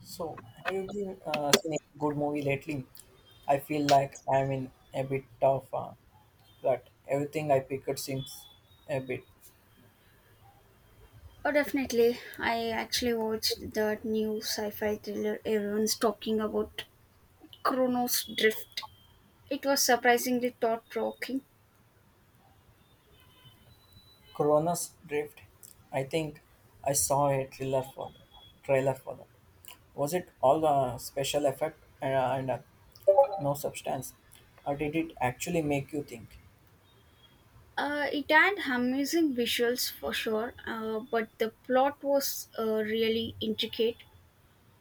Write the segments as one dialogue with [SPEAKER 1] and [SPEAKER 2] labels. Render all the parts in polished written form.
[SPEAKER 1] So, have you been seeing a good movie lately? I feel like I'm in a bit of a rut. Everything I picked seems a bit.
[SPEAKER 2] Oh, definitely. I actually watched that new sci fi thriller everyone's talking about, Chronos Drift. It was surprisingly thought provoking.
[SPEAKER 1] Corona's Drift. I think I saw a trailer for that. Was it all a special effect and no substance, or did it actually make you think?
[SPEAKER 2] It had amazing visuals for sure, but the plot was really intricate.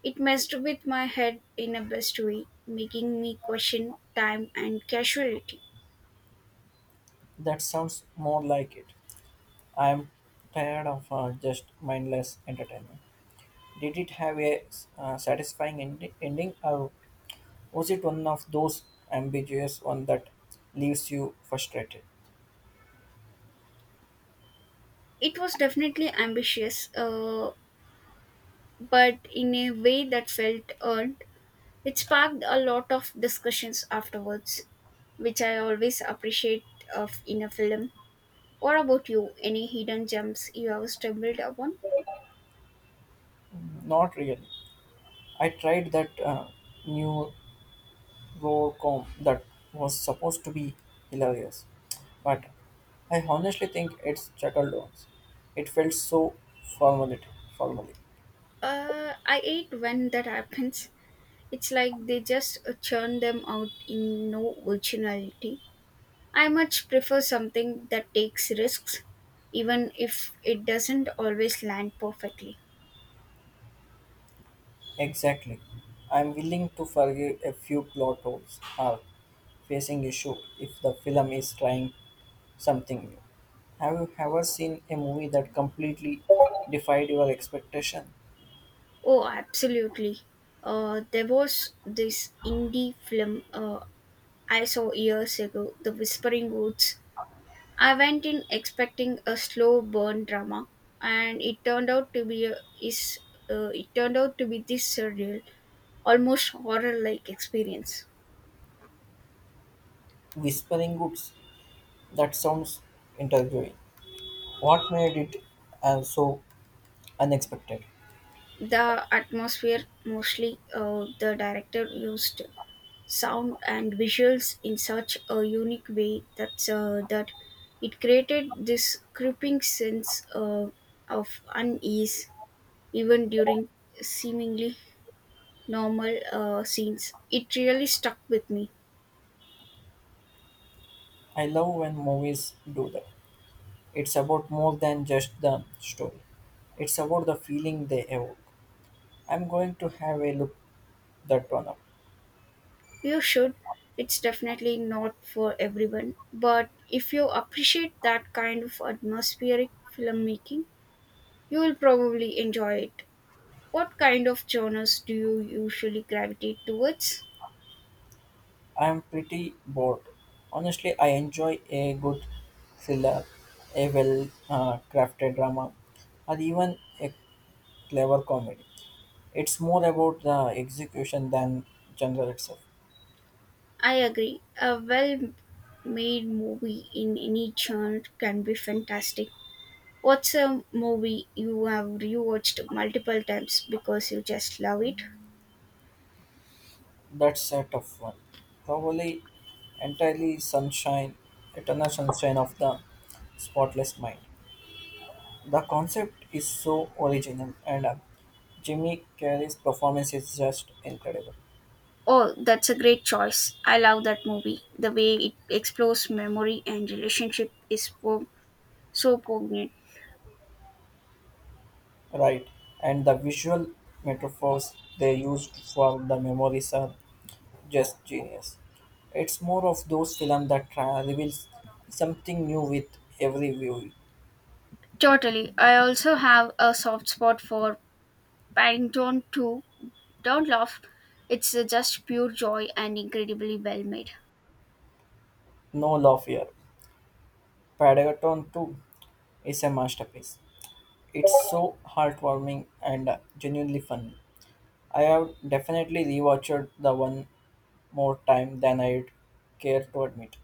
[SPEAKER 2] It messed with my head in a best way, making me question time and casuality.
[SPEAKER 1] That sounds more like it. I'm tired of just mindless entertainment. Did it have a ending, or was it one of those ambiguous one that leaves you frustrated?
[SPEAKER 2] It was definitely ambitious, but in a way that felt earned. It sparked a lot of discussions afterwards, which I always appreciate of in a film. What about you? Any hidden gems you have stumbled upon?
[SPEAKER 1] Not really. I tried that new com that was supposed to be hilarious, but I honestly think it's chuckled once. It felt so formally, formally.
[SPEAKER 2] I hate when that happens. It's like they just churn them out in no originality. I much prefer something that takes risks, even if it doesn't always land perfectly.
[SPEAKER 1] Exactly. I'm willing to forgive a few plot holes or facing issue if the film is trying something new. Have you ever seen a movie that completely defied your expectation?
[SPEAKER 2] Oh, absolutely. There was this indie film I saw years ago, The Whispering Woods. I went in expecting a slow burn drama, and is it turned out to be this surreal, almost horror-like experience.
[SPEAKER 1] Whispering Woods. That sounds intriguing. What made it so unexpected?
[SPEAKER 2] The atmosphere, mostly. The director used sound and visuals in such a unique way that it created this creeping sense of unease even during seemingly normal scenes. It really stuck with me.
[SPEAKER 1] I love when movies do that. It's about more than just the story. It's about the feeling they evoke. I'm going to have a look that one up.
[SPEAKER 2] You should. It's definitely not for everyone, but if you appreciate that kind of atmospheric filmmaking, you will probably enjoy it. What kind of genres do you usually gravitate towards?
[SPEAKER 1] I'm pretty bored. Honestly, I enjoy a good thriller, a well crafted drama, or even a clever comedy. It's more about the execution than genre itself.
[SPEAKER 2] I agree. A well made movie in any genre can be fantastic. What's a movie you have rewatched multiple times because you just love it?
[SPEAKER 1] That's a tough one. Probably entirely sunshine, eternal sunshine of the spotless mind. The concept is so original, and Jimmy Carey's performance is just incredible.
[SPEAKER 2] Oh, that's a great choice. I love that movie. The way it explores memory and relationship is so poignant.
[SPEAKER 1] Right, and the visual metaphors they used for the memories are just genius. It's more of those films that reveals something new with every view.
[SPEAKER 2] Totally. I also have a soft spot for Paddington 2. Don't laugh. It's just pure joy and incredibly well made.
[SPEAKER 1] No love here. Padaton 2 is a masterpiece. It's so heartwarming and genuinely funny. I have definitely rewatched the one more time than I'd care to admit.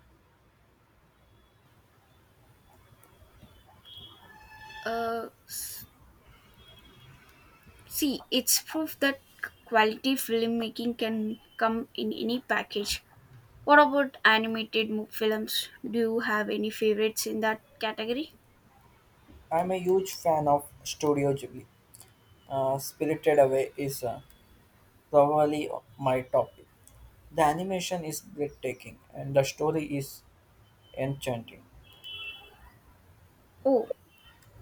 [SPEAKER 2] Uh, s- See, it's proof that quality filmmaking can come in any package. What about animated films? Do you have any favorites in that category?
[SPEAKER 1] I'm a huge fan of Studio Ghibli. Spirited Away is probably my top pick. The animation is breathtaking and the story is enchanting.
[SPEAKER 2] Oh,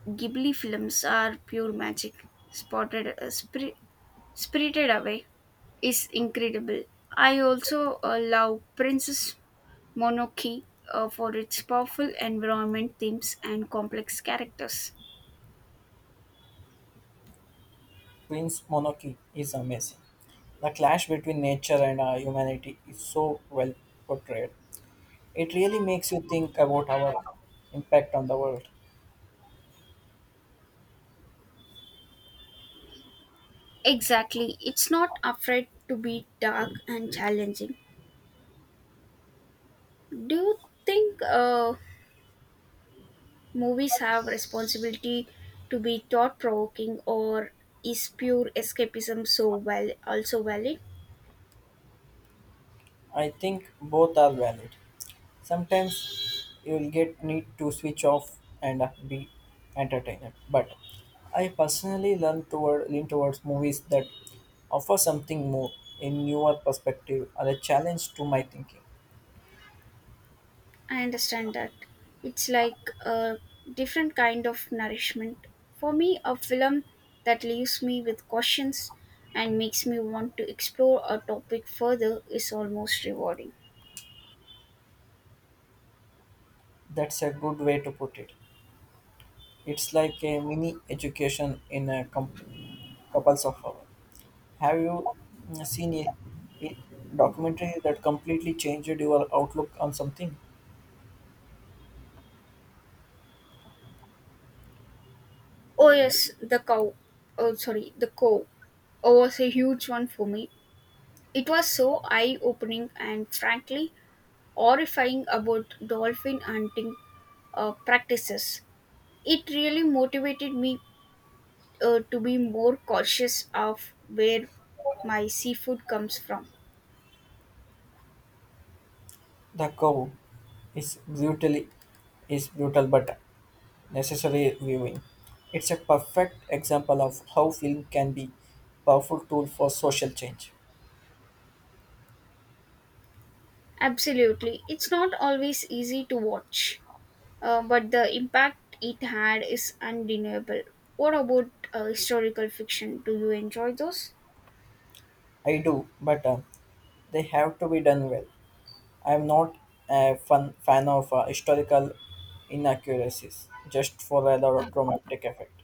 [SPEAKER 2] Ghibli films are pure magic. Spotted, uh, spri- Spirited Away is incredible. I also love Princess Mononoke for its powerful environment themes and complex characters.
[SPEAKER 1] Prince Monoki is amazing. The clash between nature and our humanity is so well portrayed. It really makes you think about our impact on the world.
[SPEAKER 2] Exactly, it's not afraid to be dark and challenging. Do you think movies have responsibility to be thought provoking, or is pure escapism so well also valid?
[SPEAKER 1] I think both are valid. Sometimes you'll get need to switch off and be entertained. But I personally learn toward lean towards movies that offer something more, a newer perspective, or a challenge to my thinking.
[SPEAKER 2] I understand that. It's like a different kind of nourishment. For me, a film that leaves me with questions and makes me want to explore a topic further is almost rewarding.
[SPEAKER 1] That's a good way to put it. It's like a mini education in a couples of hours. Have you seen a documentary that completely changed your outlook on something?
[SPEAKER 2] Oh, yes, The Cow oh, was a huge one for me. It was so eye opening and frankly horrifying about dolphin hunting practices. It really motivated me to be more cautious of where my seafood comes from.
[SPEAKER 1] The Cow is brutally is brutal, but necessary viewing. It's a perfect example of how film can be powerful tool for social change.
[SPEAKER 2] Absolutely. It's not always easy to watch, but the impact it had is undeniable. What about historical fiction? Do you enjoy those?
[SPEAKER 1] I do, but they have to be done well. I'm not a fan of historical inaccuracies just for the dramatic effect.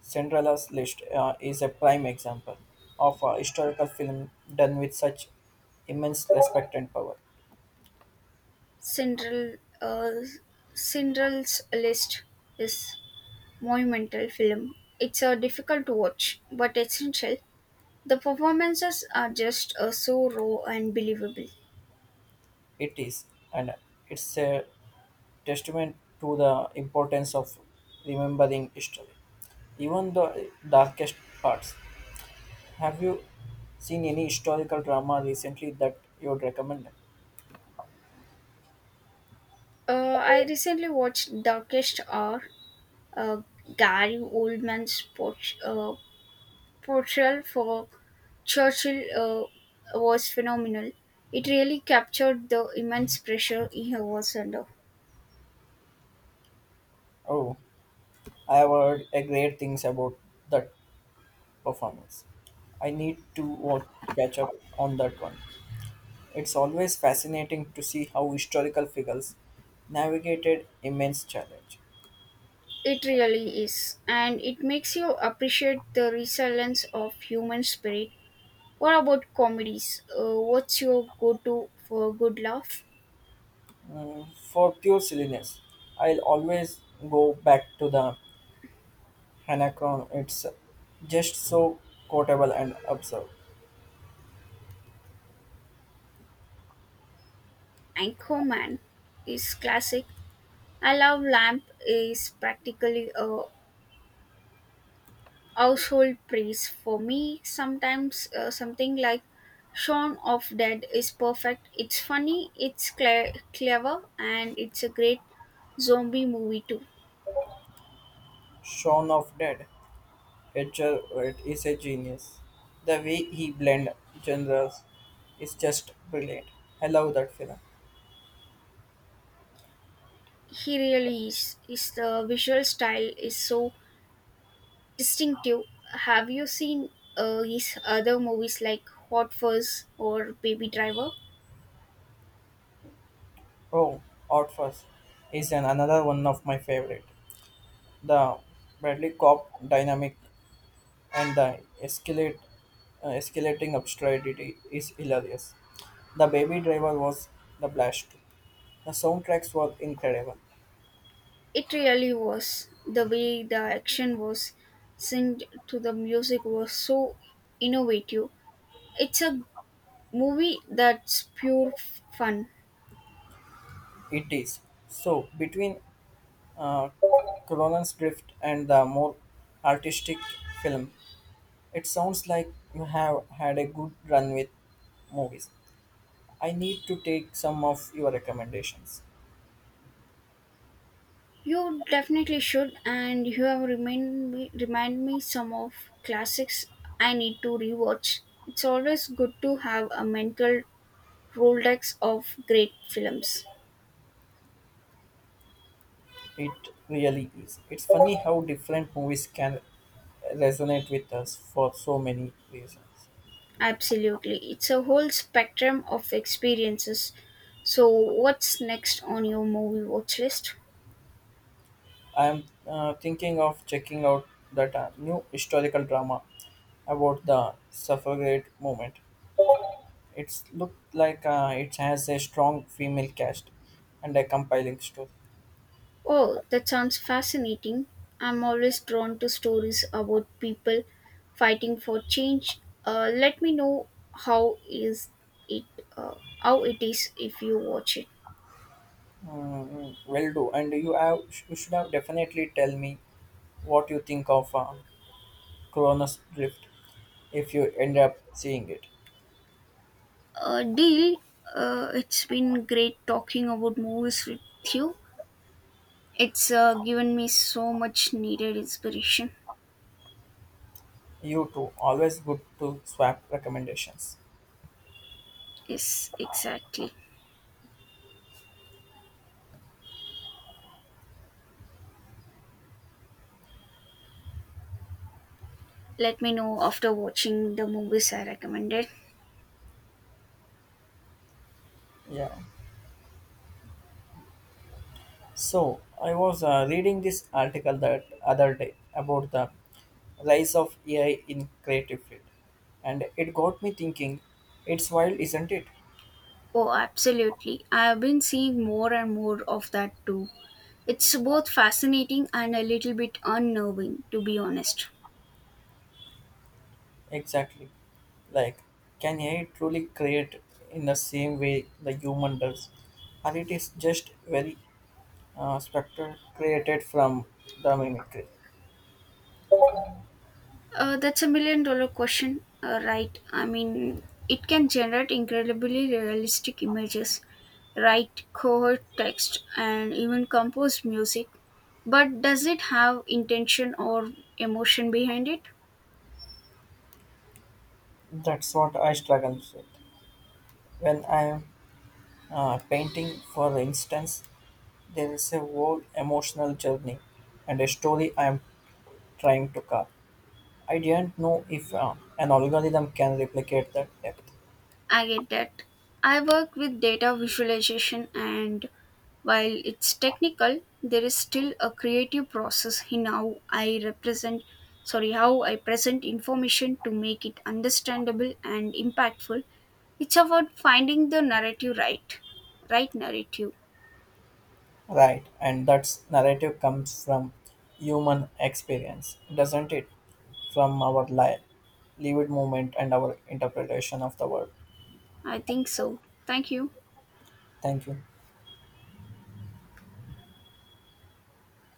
[SPEAKER 1] Cinderella's List is a prime example of a historical film done with such immense respect and power.
[SPEAKER 2] Central uh, Cinderel's List is monumental film. It's difficult to watch, but essential. The performances are just so raw and believable.
[SPEAKER 1] It is, and it's a testament to the importance of remembering history, even the darkest parts. Have you seen any historical drama recently that you would recommend?
[SPEAKER 2] I recently watched Darkest Hour, uh, Gary Oldman's portrayal for Churchill was phenomenal. It really captured the immense pressure he was under.
[SPEAKER 1] Oh, I have heard a great things about that performance. I need to catch up on that one. It's always fascinating to see how historical figures navigated immense challenge.
[SPEAKER 2] It really is, and it makes you appreciate the resilience of human spirit. What about comedies? What's your go-to for a good laugh?
[SPEAKER 1] Mm, for pure silliness, I'll always go back to the Anacron, it's just so quotable and absurd.
[SPEAKER 2] Anchorman is classic. I love Lamp is practically a household praise for me sometimes something like Shaun of Dead is perfect. It's funny, it's clever, and it's a great zombie movie too.
[SPEAKER 1] Shaun of Dead, Edgar Wright is a genius. The way he blends genres is just brilliant. I love that film.
[SPEAKER 2] He really is. His the visual style is so distinctive. Have you seen his other movies like Hot Fuzz or Baby Driver?
[SPEAKER 1] Oh, Outfast is an another one of my favorite. The Bradley Cop dynamic and escalating absurdity is hilarious. The Baby Driver was the blast. The soundtracks were incredible.
[SPEAKER 2] It really was. The way the action was synced to the music was so innovative. It's a movie that's pure fun.
[SPEAKER 1] It is. So, between uh, Colonel's Drift and the more artistic film, it sounds like you have had a good run with movies. I need to take some of your recommendations.
[SPEAKER 2] You definitely should, and you have remind me some of classics I need to rewatch. It's always good to have a mental Rolodex of great films.
[SPEAKER 1] It really is. It's funny how different movies can resonate with us for so many reasons.
[SPEAKER 2] Absolutely, it's a whole spectrum of experiences. So, what's next on your movie watch list?
[SPEAKER 1] I'm thinking of checking out that new historical drama about the suffragette movement. It's looked like it has a strong female cast and a compelling story.
[SPEAKER 2] Oh, that sounds fascinating. I'm always drawn to stories about people fighting for change. Let me know how is it how it is if you watch it.
[SPEAKER 1] Mm, will do. And you should have definitely tell me what you think of Cronus Drift if you end up seeing it.
[SPEAKER 2] Deal. It's been great talking about movies with you. It's given me so much needed inspiration.
[SPEAKER 1] You too. Always good to swap recommendations.
[SPEAKER 2] Yes, exactly. Let me know after watching the movies I recommended.
[SPEAKER 1] Yeah. So I was reading this article that other day about the rise of AI in creative field, and it got me thinking. It's wild, isn't it?
[SPEAKER 2] Oh, absolutely. I have been seeing more and more of that too. It's both fascinating and a little bit unnerving, to be honest.
[SPEAKER 1] Exactly. Like, can AI truly create in the same way the human does? Or it is just very spectral created from the mimicry?
[SPEAKER 2] That's a million dollar question, right? I mean, it can generate incredibly realistic images, write coherent text, and even compose music. But does it have intention or emotion behind it?
[SPEAKER 1] That's what I struggle with. When I am painting, for instance, there is a whole emotional journey and a story I am trying to carve. I didn't know if an algorithm can replicate that depth.
[SPEAKER 2] I get that. I work with data visualization, and while it's technical, there is still a creative process in how sorry, how I present information to make it understandable and impactful. It's about finding the right narrative.
[SPEAKER 1] Right, and that narrative comes from human experience, doesn't it? From our lived moment and our interpretation of the world.
[SPEAKER 2] I think so. Thank you.
[SPEAKER 1] Thank you.